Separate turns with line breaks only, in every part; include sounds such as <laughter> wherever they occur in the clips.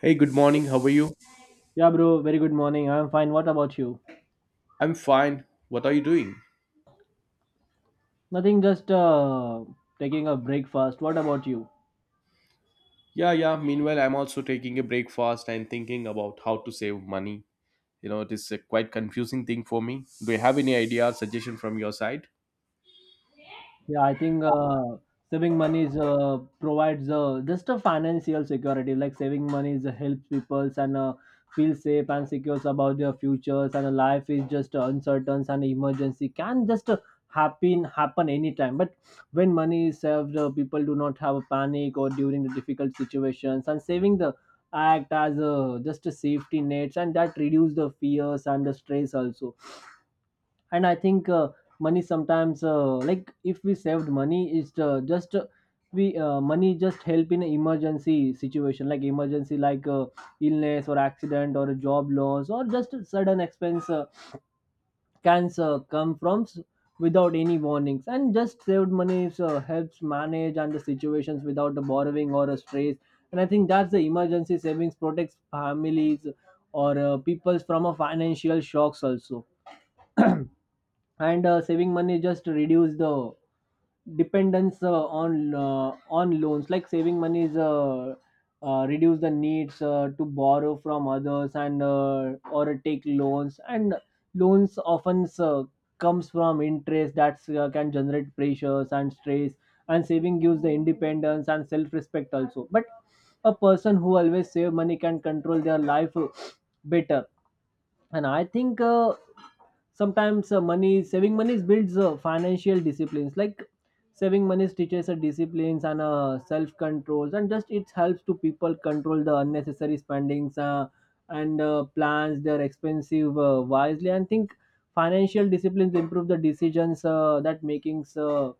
Hey, good morning. How are you?
Yeah, bro. Very good morning. I'm fine. What about you?
I'm fine. What are you doing?
Nothing. Just taking a break fast. What about you?
Yeah, yeah. Meanwhile, I'm also taking a breakfast and thinking about how to save money. You know, it is a quite confusing thing for me. Do you have any idea or suggestion from your side?
Yeah, I think saving money provides just a financial security. Like saving money helps people and feel safe and secure about their futures. And Life is just uncertain, and emergency can just happen anytime. But when money is saved, people do not have a panic or during the difficult situations. And saving the act as just a safety nets, and that reduce the fears and the stress also, and I think money sometimes, like if we saved money it's just we money just help in emergency situation, like emergency like illness or accident or a job loss or just a sudden expense can without any warnings. And just saved money helps manage and the situations without the borrowing or a stress. And I think that's the emergency savings protects families or people from a financial shocks also. And Saving money just reduce the dependence on loans. Like saving money is reduce the needs to borrow from others, and or take loans. And loans often comes from interest that can generate pressures and stress. And saving gives the independence and self respect also. But a person who always save money can control their life better. And I think sometimes money saving money builds financial disciplines. Like saving money teaches disciplines and self controls, and just it helps to people control the unnecessary spendings and plans their expensive wisely. And think financial disciplines improve the decisions that makings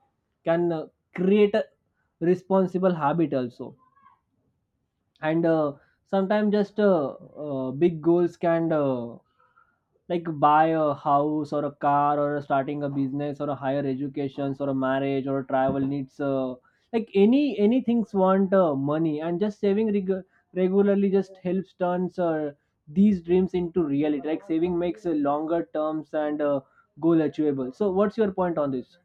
can create a responsible habit also. And uh, sometimes just uh, uh, big goals can, like buy a house or a car or starting a business or a higher educations or a marriage or a travel needs, like any things want money. And just regularly just helps turns these dreams into reality. Like saving makes a longer terms and goal achievable. So what's your point on this?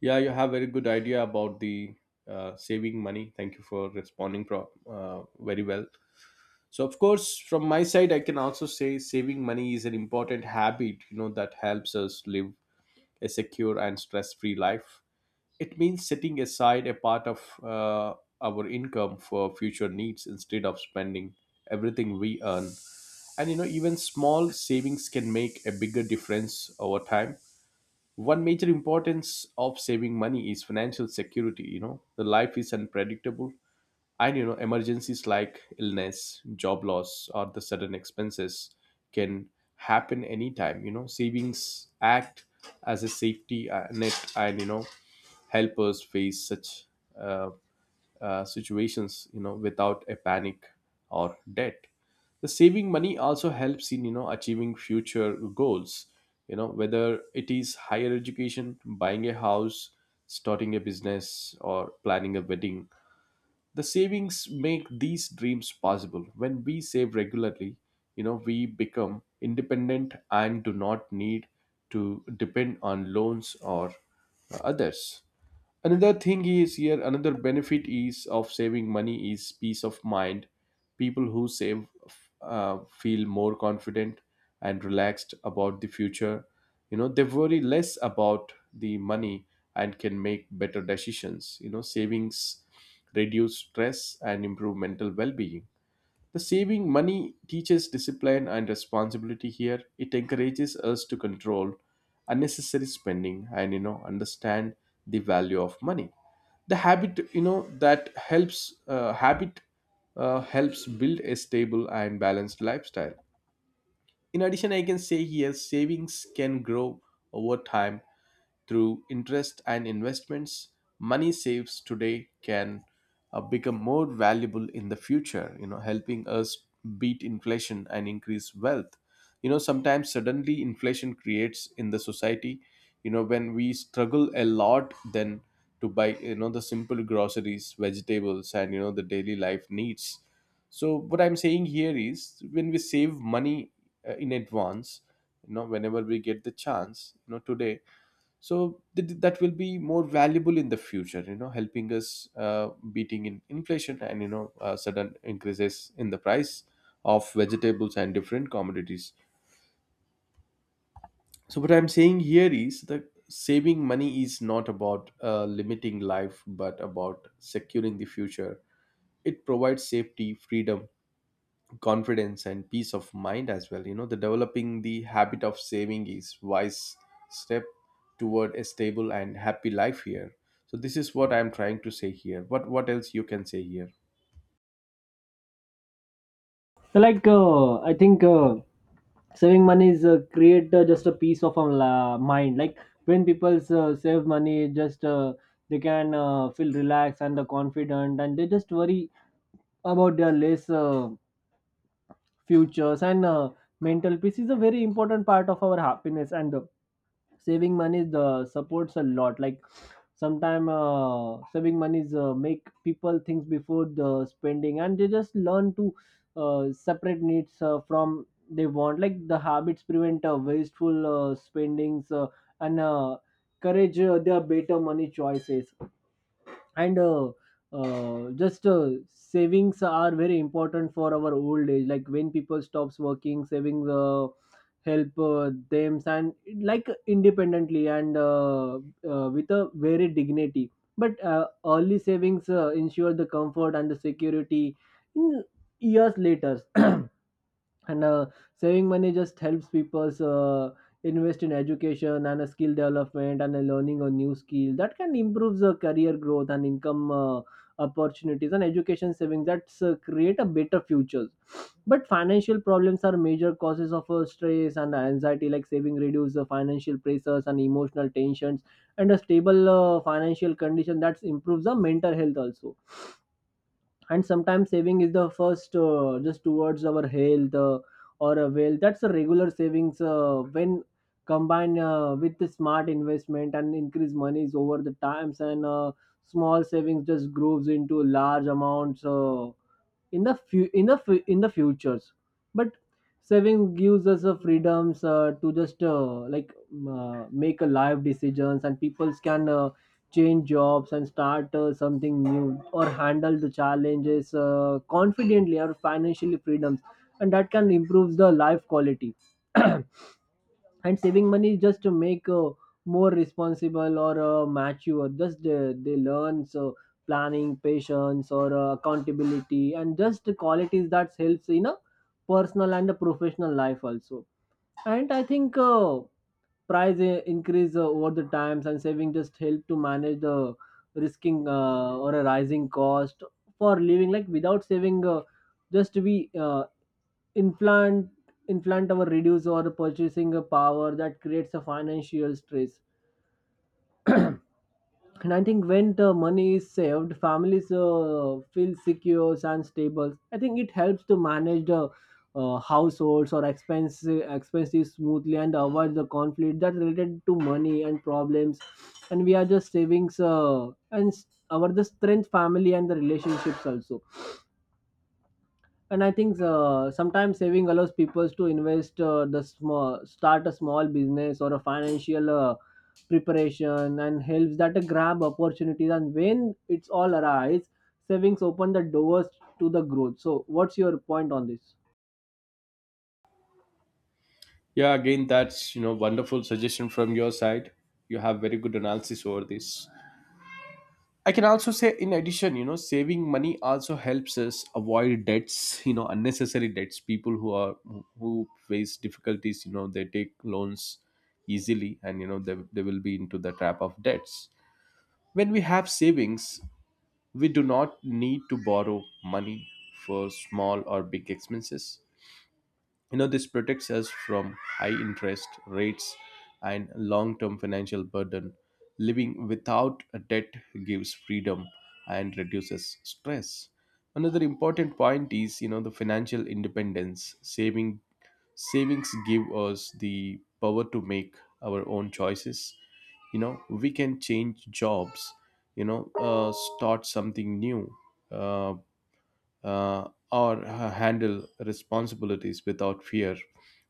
Yeah, you have very good idea about the saving money. Thank you for responding very well. So, of course, from my side, I can also say saving money is an important habit, you know, that helps us live a secure and stress free life. It means setting aside a part of our income for future needs instead of spending everything we earn. And you know, even small savings can make a bigger difference over time. One major importance of saving money is financial security. You know, the life is unpredictable, and you know, emergencies like illness, job loss, or the sudden expenses can happen anytime. You know, savings act as a safety net, and you know, help us face such uh, situations, you know, without a panic or debt. The saving money also helps in, you know, achieving future goals. You know, whether it is higher education, buying a house, starting a business, or planning a wedding, the savings make these dreams possible. When we save regularly, you know, we become independent and do not need to depend on loans or others. Another thing is here. Another benefit is of saving money is peace of mind. People who save feel more confident and relaxed about the future. You know, they worry less about the money and can make better decisions. You know, savings reduce stress and improve mental well-being. The saving money teaches discipline and responsibility here. It encourages us to control unnecessary spending and, you know, understand the value of money. The habit, you know, that helps build a stable and balanced lifestyle. In addition, I can say here savings can grow over time through interest and investments. Money saves today can become more valuable in the future, you know, helping us beat inflation and increase wealth. You know, sometimes suddenly inflation creates in the society. You know, when we struggle a lot then to buy, you know, the simple groceries, vegetables, and you know, the daily life needs. So what I'm saying here is when we save money in advance, you know, whenever we get the chance, you know, today, so that will be more valuable in the future, you know, helping us beating in inflation, and you know, sudden increases in the price of vegetables and different commodities. So what I'm saying here is that saving money is not about limiting life but about securing the future. It provides safety, freedom, confidence, and peace of mind as well. You know, the developing the habit of saving is wise step toward a stable and happy life here. So this is what I'm trying to say here. What else you can say here?
Like I think saving money is create just a peace of our mind. Like when people save money, just they can feel relaxed and confident, and they just worry about their less futures, and mental peace is a very important part of our happiness. And saving money is the supports a lot. Like sometime saving money is make people think before the spending, and they just learn to separate needs from they want. Like the habits prevent wasteful spendings and courage their better money choices. And uh, uh, just uh, savings are very important for our old age. Like when people stops working, savings help them and like independently and with a very dignity. But early savings ensure the comfort and the security in years later. And saving money just helps people invest in education and a skill development and a learning a new skill that can improve the career growth and income opportunities. And education savings that create a better futures. But financial problems are major causes of stress and anxiety. Like saving reduce the financial pressures and emotional tensions, and a stable financial condition that improves the mental health also. And sometimes saving is the first just towards our health or a wealth. That's a regular savings when combined with the smart investment and increase monies over the times. And small savings just grows into large amounts in the in the futures. But saving gives us the freedoms to just make a life decisions, and people can change jobs and start something new or handle the challenges confidently or financially freedoms, and that can improve the life quality. <clears throat> And saving money is just to make more responsible or mature. Just they learn so planning patience or accountability, and just the qualities that helps in a personal and a professional life also. And I think increase over the times, and saving just help to manage the risking or a rising cost for living. Like without saving just we implant implant our reduce or purchasing a power that creates a financial stress. And I think when the money is saved, families feel secure and stable. I think it helps to manage the households or expenses smoothly, and avoid the conflict that related to money and problems. And we are just savings and our the strength, family, and the relationships also. And I think sometimes saving allows people to invest the small, start a small business or a financial preparation, and helps that to grab opportunities. And when it's all arise, savings open the doors to the growth. So what's your point on this?
Yeah, again, that's, you know, wonderful suggestion from your side. You have very good analysis over this. I can also say, in addition, you know, saving money also helps us avoid debts, you know, unnecessary debts. People who face difficulties, you know, they take loans easily, and you know, they will be into the trap of debts. When we have savings, we do not need to borrow money for small or big expenses. You know, this protects us from high interest rates and long-term financial burden. Living without a debt gives freedom and reduces stress. Another important point is, you know, the financial independence. Savings give us the power to make our own choices. You know, we can change jobs, you know, start something new, uh, or handle responsibilities without fear.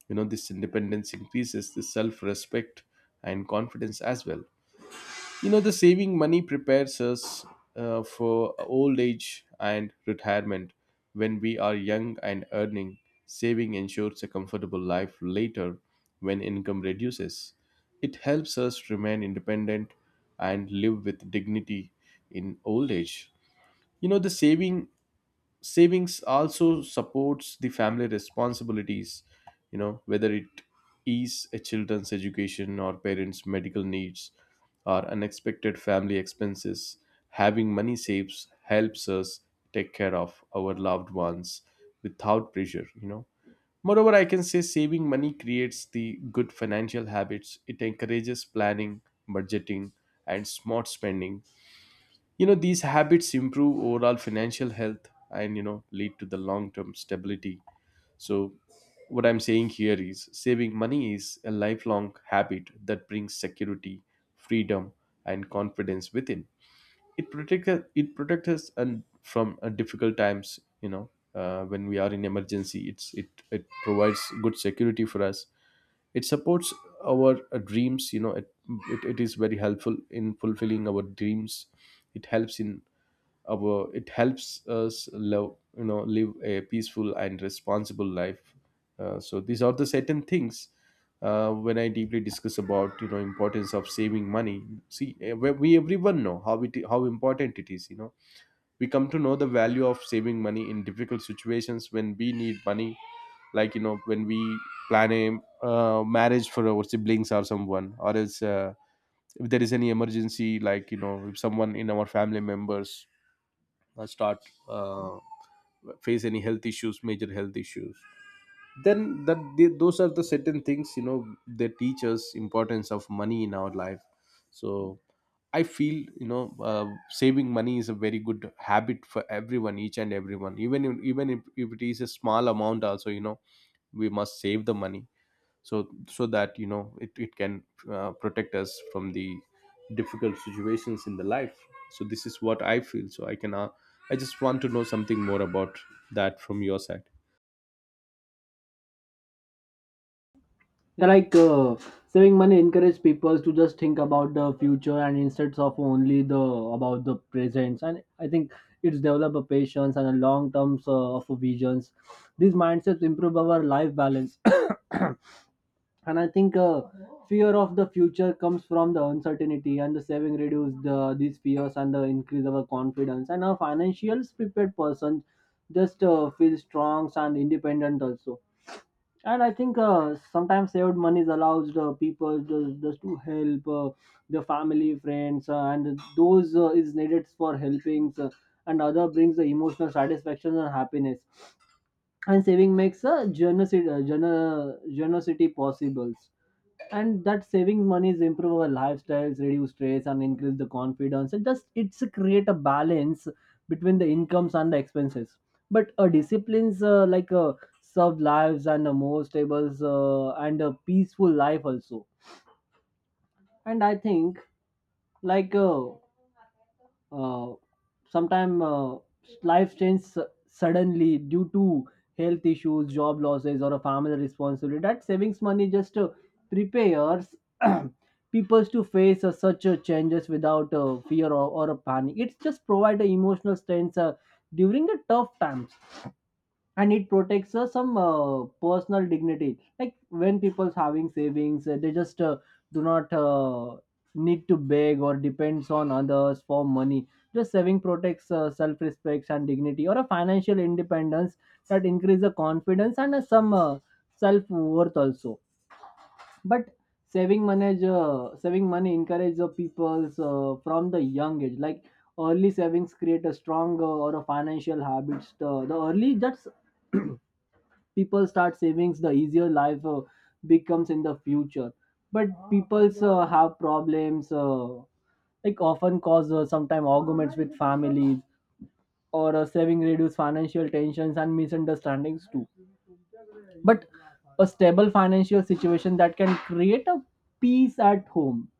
You know, this independence increases the self respect and confidence as well. You know, the saving money prepares us for old age and retirement. When we are young and earning, saving ensures a comfortable life later when income reduces. It helps us remain independent and live with dignity in old age. You know, the savings also supports the family responsibilities. You know, whether it is a children's education or parents medical needs or unexpected family expenses, having money saves helps us take care of our loved ones without pressure. You know, moreover, I can say saving money creates the good financial habits. It encourages planning, budgeting, and smart spending. You know, these habits improve overall financial health and, you know, lead to the long term stability. So what I'm saying here is saving money is a lifelong habit that brings security, freedom, and confidence within. It protects us and from difficult times. You know, when we are in emergency, it provides good security for us. It supports our dreams. You know, it is very helpful in fulfilling our dreams. It helps in our it helps us love you know live a peaceful and responsible life. So these are the certain things when I deeply discuss about, you know, importance of saving money. See, we everyone know how important it is, you know. We come to know the value of saving money in difficult situations when we need money, like, you know, when we plan a marriage for our siblings or someone or else, if there is any emergency, like, you know, if someone in our family members start uh, face any health issues, major health issues, then those are the certain things, you know, they teach us importance of money in our life. So I feel, you know, saving money is a very good habit for everyone, each and everyone. Even if, if it is a small amount also, you know, we must save the money, so that, you know, it can protect us from the difficult situations in the life. So this is what I feel. So I just want to know something more about that from your side.
Yeah. Like saving money encourage people to just think about the future and instead of only the about the present. And I think it's develop a patience and a long terms of visions. These mindsets improve our life balance. <coughs> And I think fear of the future comes from the uncertainty, and the saving reduce the these fears and the increase our confidence. And a financial prepared person just feels strong and independent also. And I think sometimes saved money allows the people, just to help their family friends and those is needed for helping and other brings the emotional satisfaction and happiness. And saving makes a generosity, generosity possible. And that saving money is improve our lifestyles, reduce stress, and increase the confidence. And just it's a create a balance between the incomes and the expenses. But a disciplines served lives and a more stable and a peaceful life also. And i think like uh, uh, sometimes uh, life changes suddenly due to health issues, job losses, or a family responsibility. That savings money just prepares <clears throat> people to face such changes without fear or a panic. It's just provide a emotional strength during the tough time. And it protects some personal dignity. Like when people's having savings, they just do not need to beg or depends on others for money. Just saving protects self-respect and dignity or a financial independence, that increase the confidence and some self-worth also. But saving money encourages the people's from the young age. Like early savings create a strong or a financial habits. The early that's <clears throat> people start savings, the easier life becomes in the future. But people's have problems like often cause sometimes arguments with families, or saving reduce financial tensions and misunderstandings too. But a stable financial situation that can create a peace at home.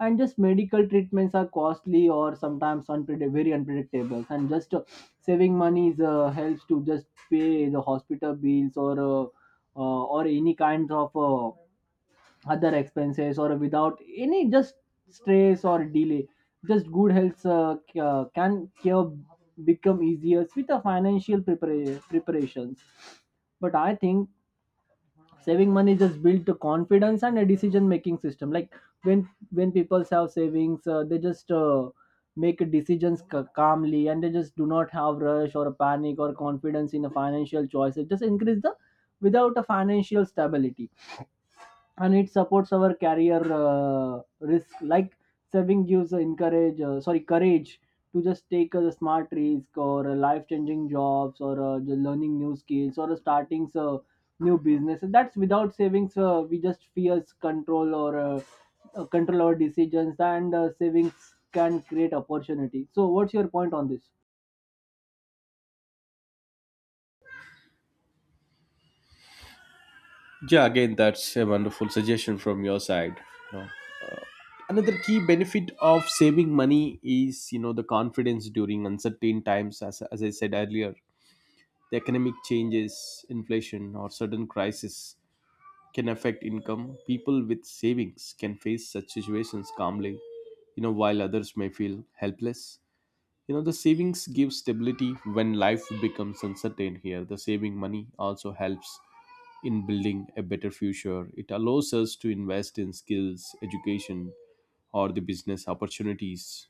And just medical treatments are costly or sometimes very unpredictable, and just saving money is, helps to just pay the hospital bills or any kinds of other expenses, or without any just stress or delay. Just good health can cure become easier with the financial preparations. But I think saving money just build the confidence and a decision making system. Like when people have savings, they just make decisions calmly, and they just do not have rush or panic or confidence in a financial choice. It just increase the without a financial stability. And it supports our career risk. Like saving gives encourage sorry courage to just take a smart risk or a life changing jobs or the learning new skills or starting new business. That's without savings, we just fears control or control our decisions, and savings can create opportunity. So what's your point on this?
Yeah, again, that's a wonderful suggestion from your side, you know. Another key benefit of saving money is, you know, the confidence during uncertain times. As, I said earlier, the economic changes, inflation, or sudden crisis can affect income. People with savings can face such situations calmly, you know, while others may feel helpless. You know, the savings gives stability when life becomes uncertain here. The saving money also helps in building a better future. It allows us to invest in skills, education, or the business opportunities,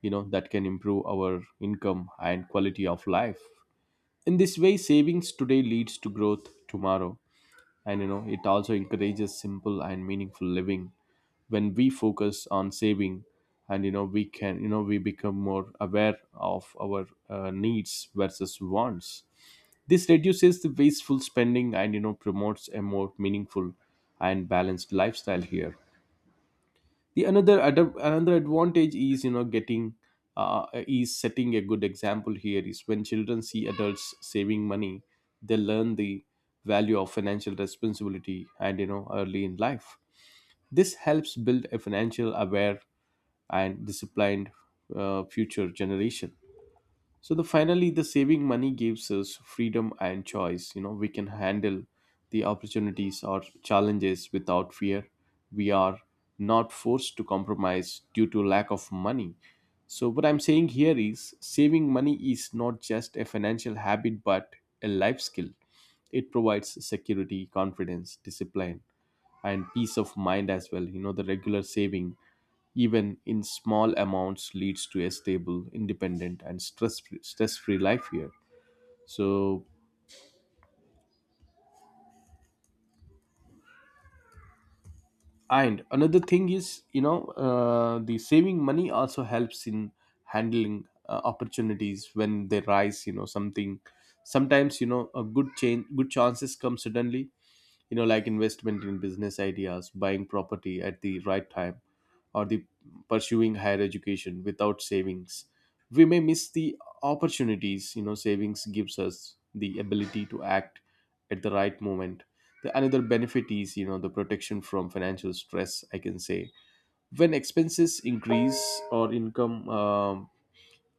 you know, that can improve our income and quality of life. In this way, savings today leads to growth tomorrow, and you know, it also encourages simple and meaningful living when we focus on saving, and you know, we become more aware of our needs versus wants. This reduces the wasteful spending and, you know, promotes a more meaningful and balanced lifestyle here. The another advantage is, you know, getting is setting a good example here. Is when children see adults saving money, they learn the value of financial responsibility and, you know, early in life, this helps build a financial aware and disciplined future generation. So the finally the saving money gives us freedom and choice. You know, we can handle the opportunities or challenges without fear. We are not forced to compromise due to lack of money. So what I'm saying here is saving money is not just a financial habit but a life skill. It provides security, confidence, discipline, and peace of mind as well. You know, the regular saving, even in small amounts, leads to a stable, independent, and stress free life here. So, and another thing is, you know, the saving money also helps in handling opportunities when they rise. You know, something sometimes, you know, good chances come suddenly, you know, like investment in business ideas, buying property at the right time, or the pursuing higher education. Without savings, we may miss the opportunities. You know, savings gives us the ability to act at the right moment. The another benefit is, you know, the protection from financial stress, I can say. When expenses increase or income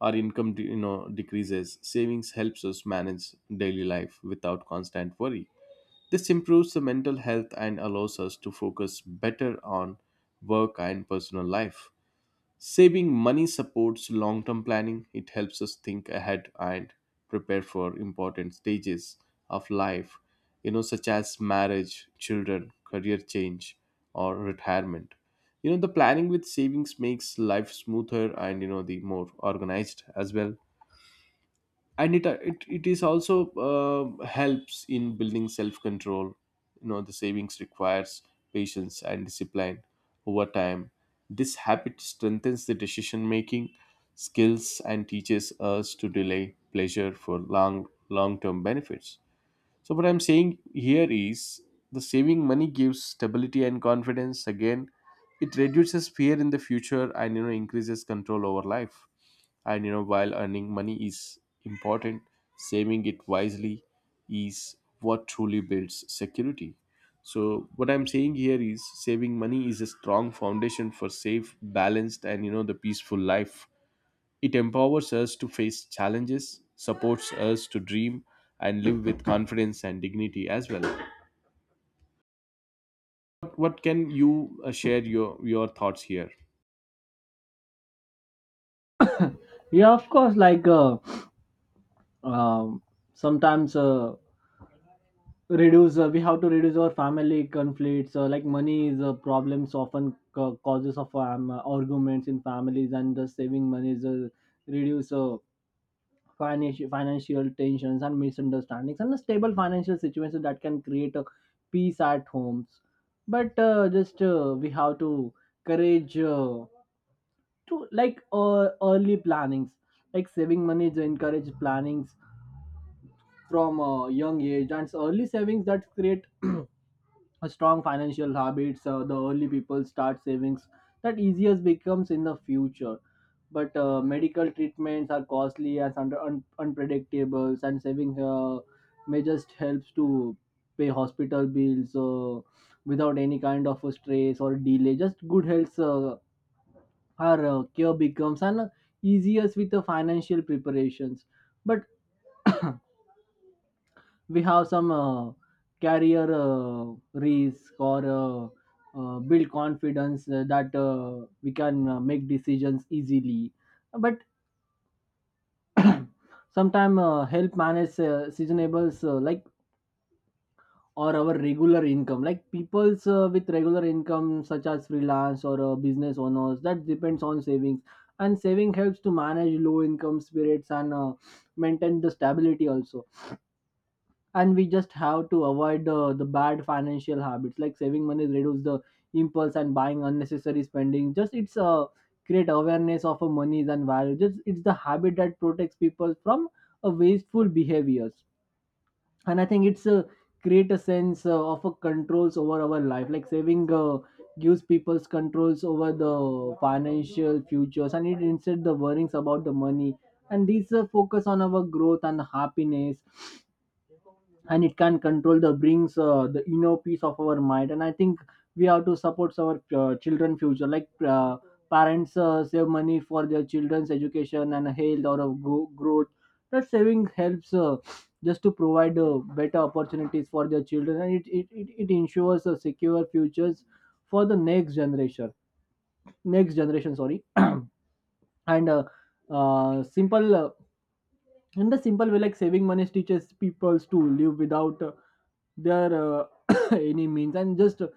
our income de- you know decreases, savings helps us manage daily life without constant worry. This improves the mental health and allows us to focus better on work and personal life. Saving money supports long term planning. It helps us think ahead and prepare for important stages of life, you know, such as marriage, children, career change, or retirement. You know, the planning with savings makes life smoother and, you know, the more organized as well. And it is also helps in building self control. You know, the savings requires patience and discipline over time. This habit strengthens the decision making skills and teaches us to delay pleasure for long term benefits. So, what I'm saying here is the saving money gives stability and confidence. Again, it reduces fear in the future and, you know, increases control over life. And you know, while earning money is important, saving it wisely is what truly builds security. So, what I'm saying here is saving money is a strong foundation for safe, balanced, and you know, the peaceful life. It empowers us to face challenges, supports us to dream, and live with confidence and dignity as well. What can you share your thoughts here?
Yeah, of course. Like uh, um sometimes uh, reduce we have to reduce our family conflicts, like money is a problems often causes of arguments in families. And the saving money is reduce financial tensions and misunderstandings. And a stable financial situation that can create a peace at homes. But just we have to courage to like early plannings. Like saving money is encourage plannings from a young age, and early savings that create <clears throat> a strong financial habits, the early people Start savings that easier becomes in the future. But medical treatments are costly and unpredictable, and saving may just helps to pay hospital bills without any kind of a stress or delay. Just good health, our cure becomes an easiest with the financial preparations. But we have some career risk or build confidence that we can make decisions easily. But sometimes help manage seasonables like or our regular income, like people's with regular income such as freelance or business owners that depends on savings. And saving helps to manage low income spirits and maintain the stability also. And we just have to avoid the bad financial habits like saving money reduce the impulse and buying unnecessary spending. Just it's a create awareness of a monies and value, just it's the habit that protects people from a wasteful behaviors. And I think it's a create a sense of a controls over our life, like saving gives people's controls over the financial futures, and it instead the worries about the money, and these focus on our growth and happiness. And it can control the brings the inner peace of our mind. And I think we have to support our children future, like parents save money for their children's education and health or of growth. That saving helps just to provide better opportunities for their children, and it ensures a secure futures for the next generation. Next generation, sorry. And simple in the simple way, like saving money teaches people to live without their <coughs> any means, and just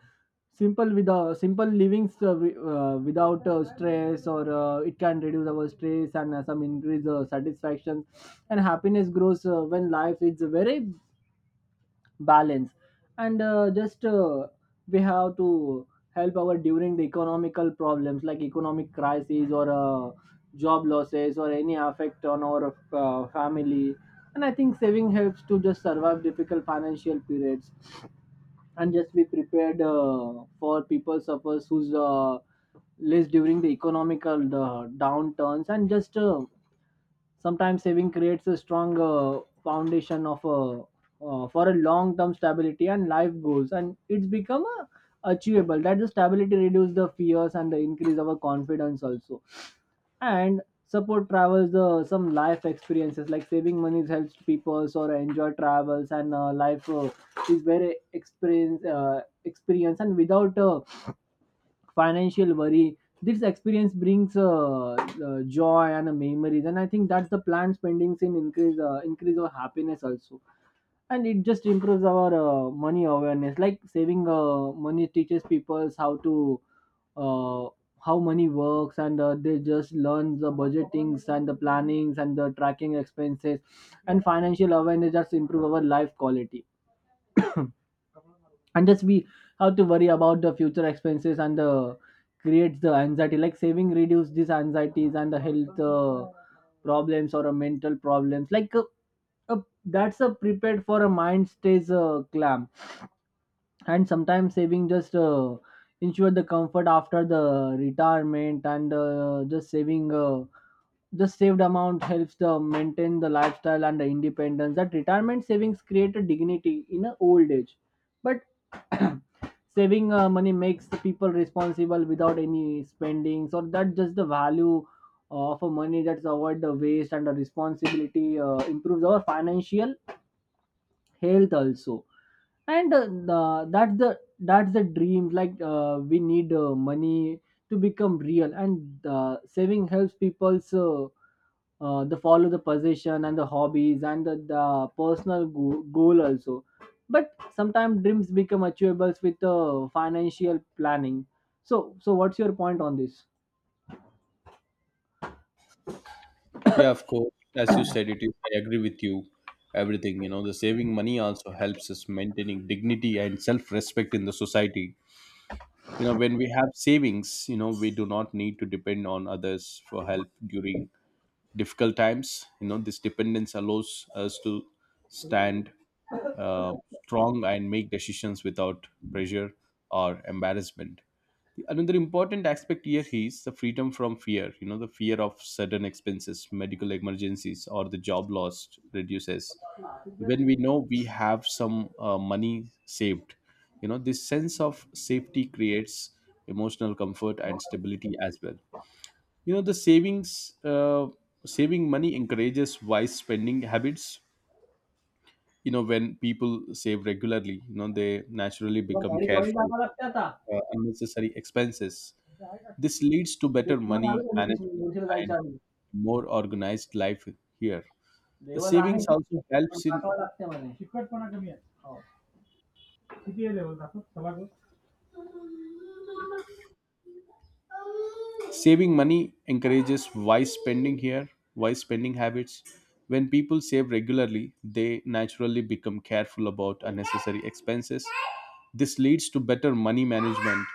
simple with simple living without stress or it can reduce our stress and some increase satisfaction, and happiness grows when life is very balance. And uh, just uh, we have to help our during the economical problems, like economic crisis or job losses or any effect on our family. And I think saving helps to just survive difficult financial periods and just be prepared for people suffers who's less during the economical downturns. And just Sometimes saving creates a strong foundation of a for a long term stability and life goals, and it's become a achievable. That the stability reduces the fears and the increase our confidence also, and support travels the some life experiences, like saving money helps people or enjoy travels, and life is very experience, and without financial worry this experience brings joy and memories. And I think that's the planned spendings in increase our happiness also. And it just improves our money awareness, like saving money teaches people how to uh, how money works, and they just learn the budgetings and the plannings and the tracking expenses. And financial awareness just improve our life quality. <coughs> And just we have to worry about the future expenses and creates the anxiety, like saving reduce these anxieties and the health problems or a mental problems like uh, that's a prepared for a mind stays calm. And sometimes saving just ensure the comfort after the retirement, and just saving the saved amount helps the maintain the lifestyle and the independence, that retirement savings create a dignity in a old age. But <clears throat> saving money makes the people responsible without any spending, so that just the value of a money, that's avoid the waste, and the responsibility improves our financial health also. And that's the that's the dream, like we need money to become real, and saving helps people so the follow the possession and the hobbies, and the personal goal also. But sometimes dreams become achievable with financial planning. So so what's your point on this?
Yeah, of course. As you said, it is. I agree with you. Everything, you know, the saving money also helps us maintaining dignity and self-respect in the society. You know, when we have savings, you know, we do not need to depend on others for help during difficult times. You know, this dependence allows us to stand uh, strong and make decisions without pressure or embarrassment. Another important aspect here is the freedom from fear. You know, the fear of sudden expenses, medical emergencies, or the job loss reduces. When we know we have some money saved, you know, this sense of safety creates emotional comfort and stability as well. You know, the saving money encourages wise spending habits. You know, when people save regularly, you know, they naturally
तुला
become
घरी join
careful
टाकावं
about,
लागतं आता.
unnecessary expenses. This leads to
ते
better
घेऊन आलो
money
का मी तिथून?
management
मुलशीला जायच्या
and
आधी.
more organized life here. The
level आहे.
savings also
पण
helps in
टाकावं लागते म्हणे.
Saving money encourages wise spending habits. When people save regularly, they naturally become careful about unnecessary expenses. This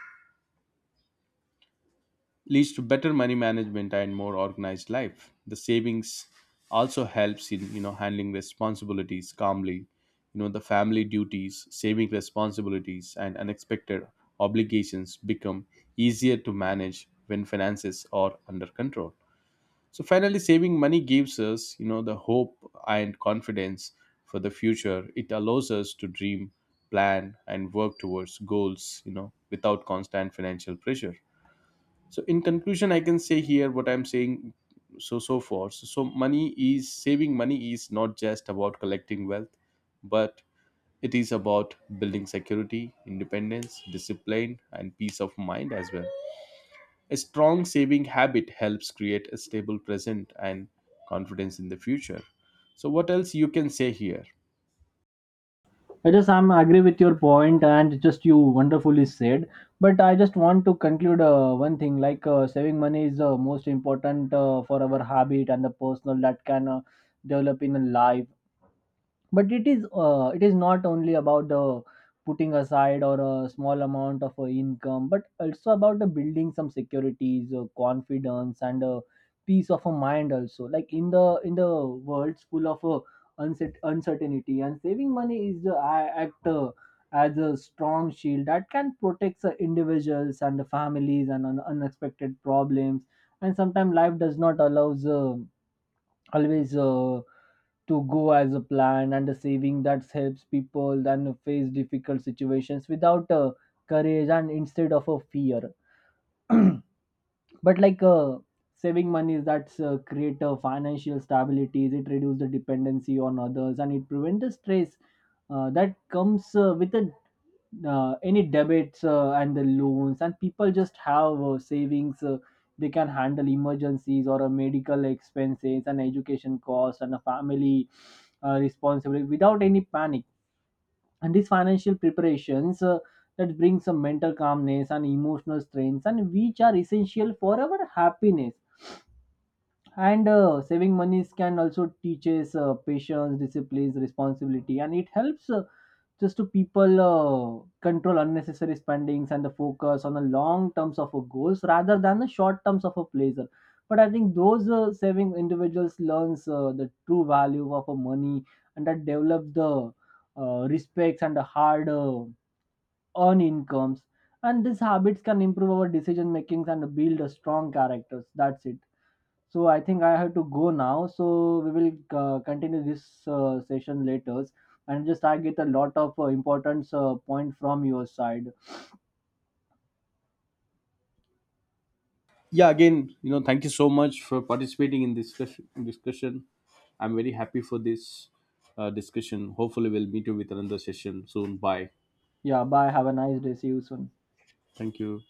leads to better money management and more organized life. The savings also helps in, you know, handling responsibilities calmly. You know, the family duties, saving responsibilities, and unexpected obligations become easier to manage when finances are under control. So finally, saving money gives us, you know, the hope and confidence for the future. It allows us to dream, plan, and work towards goals, you know, without constant financial pressure. So in conclusion I can say here, what I'm saying, so so far so, so money is saving money is not just about collecting wealth, but it is about building security, independence, discipline, and peace of mind as well. A strong saving habit helps create a stable present and confidence in the future. So what else you can say here?
I just am agree with your point, and just you wonderfully said. But I just want to conclude one thing, like saving money is most important for our habit and the personal that can develop in life. But it is not only about putting aside or a small amount of income, but also about building some securities confidence and peace of a mind also, like in the world full of uncertainty, and saving money is the act as a strong shield that can protect the individuals and the families and unexpected problems. And sometimes life does not allows always to go as a plan, and the saving that helps people then face difficult situations without courage and instead of a fear. But like saving money, that's create a financial stability, it reduce the dependency on others, and it prevent the stress that comes with any debits and the loans, and people just have savings, they can handle emergencies or a medical expenses and education costs and a family responsibility without any panic. And these financial preparations that bring some mental calmness and emotional strengths, and which are essential for our happiness. And saving monies can also teaches patience discipline responsibility, and it helps just to people control unnecessary spendings and the focus on the long terms of a goals rather than the short terms of a pleasure. But I think those saving individuals learns the true value of a money, and that develop the respects and the hard earn incomes. And these habits can improve our decision makings and build a strong characters. That's it. So I think I have to go now, so we will continue this session later, and just I get a lot of important point from your side.
Yeah, again, you know, thank you so much for participating in this discussion. I'm very happy for this discussion. Hopefully we'll meet you with another session soon. Bye.
Yeah, bye, have a nice day, see you soon.
Thank you.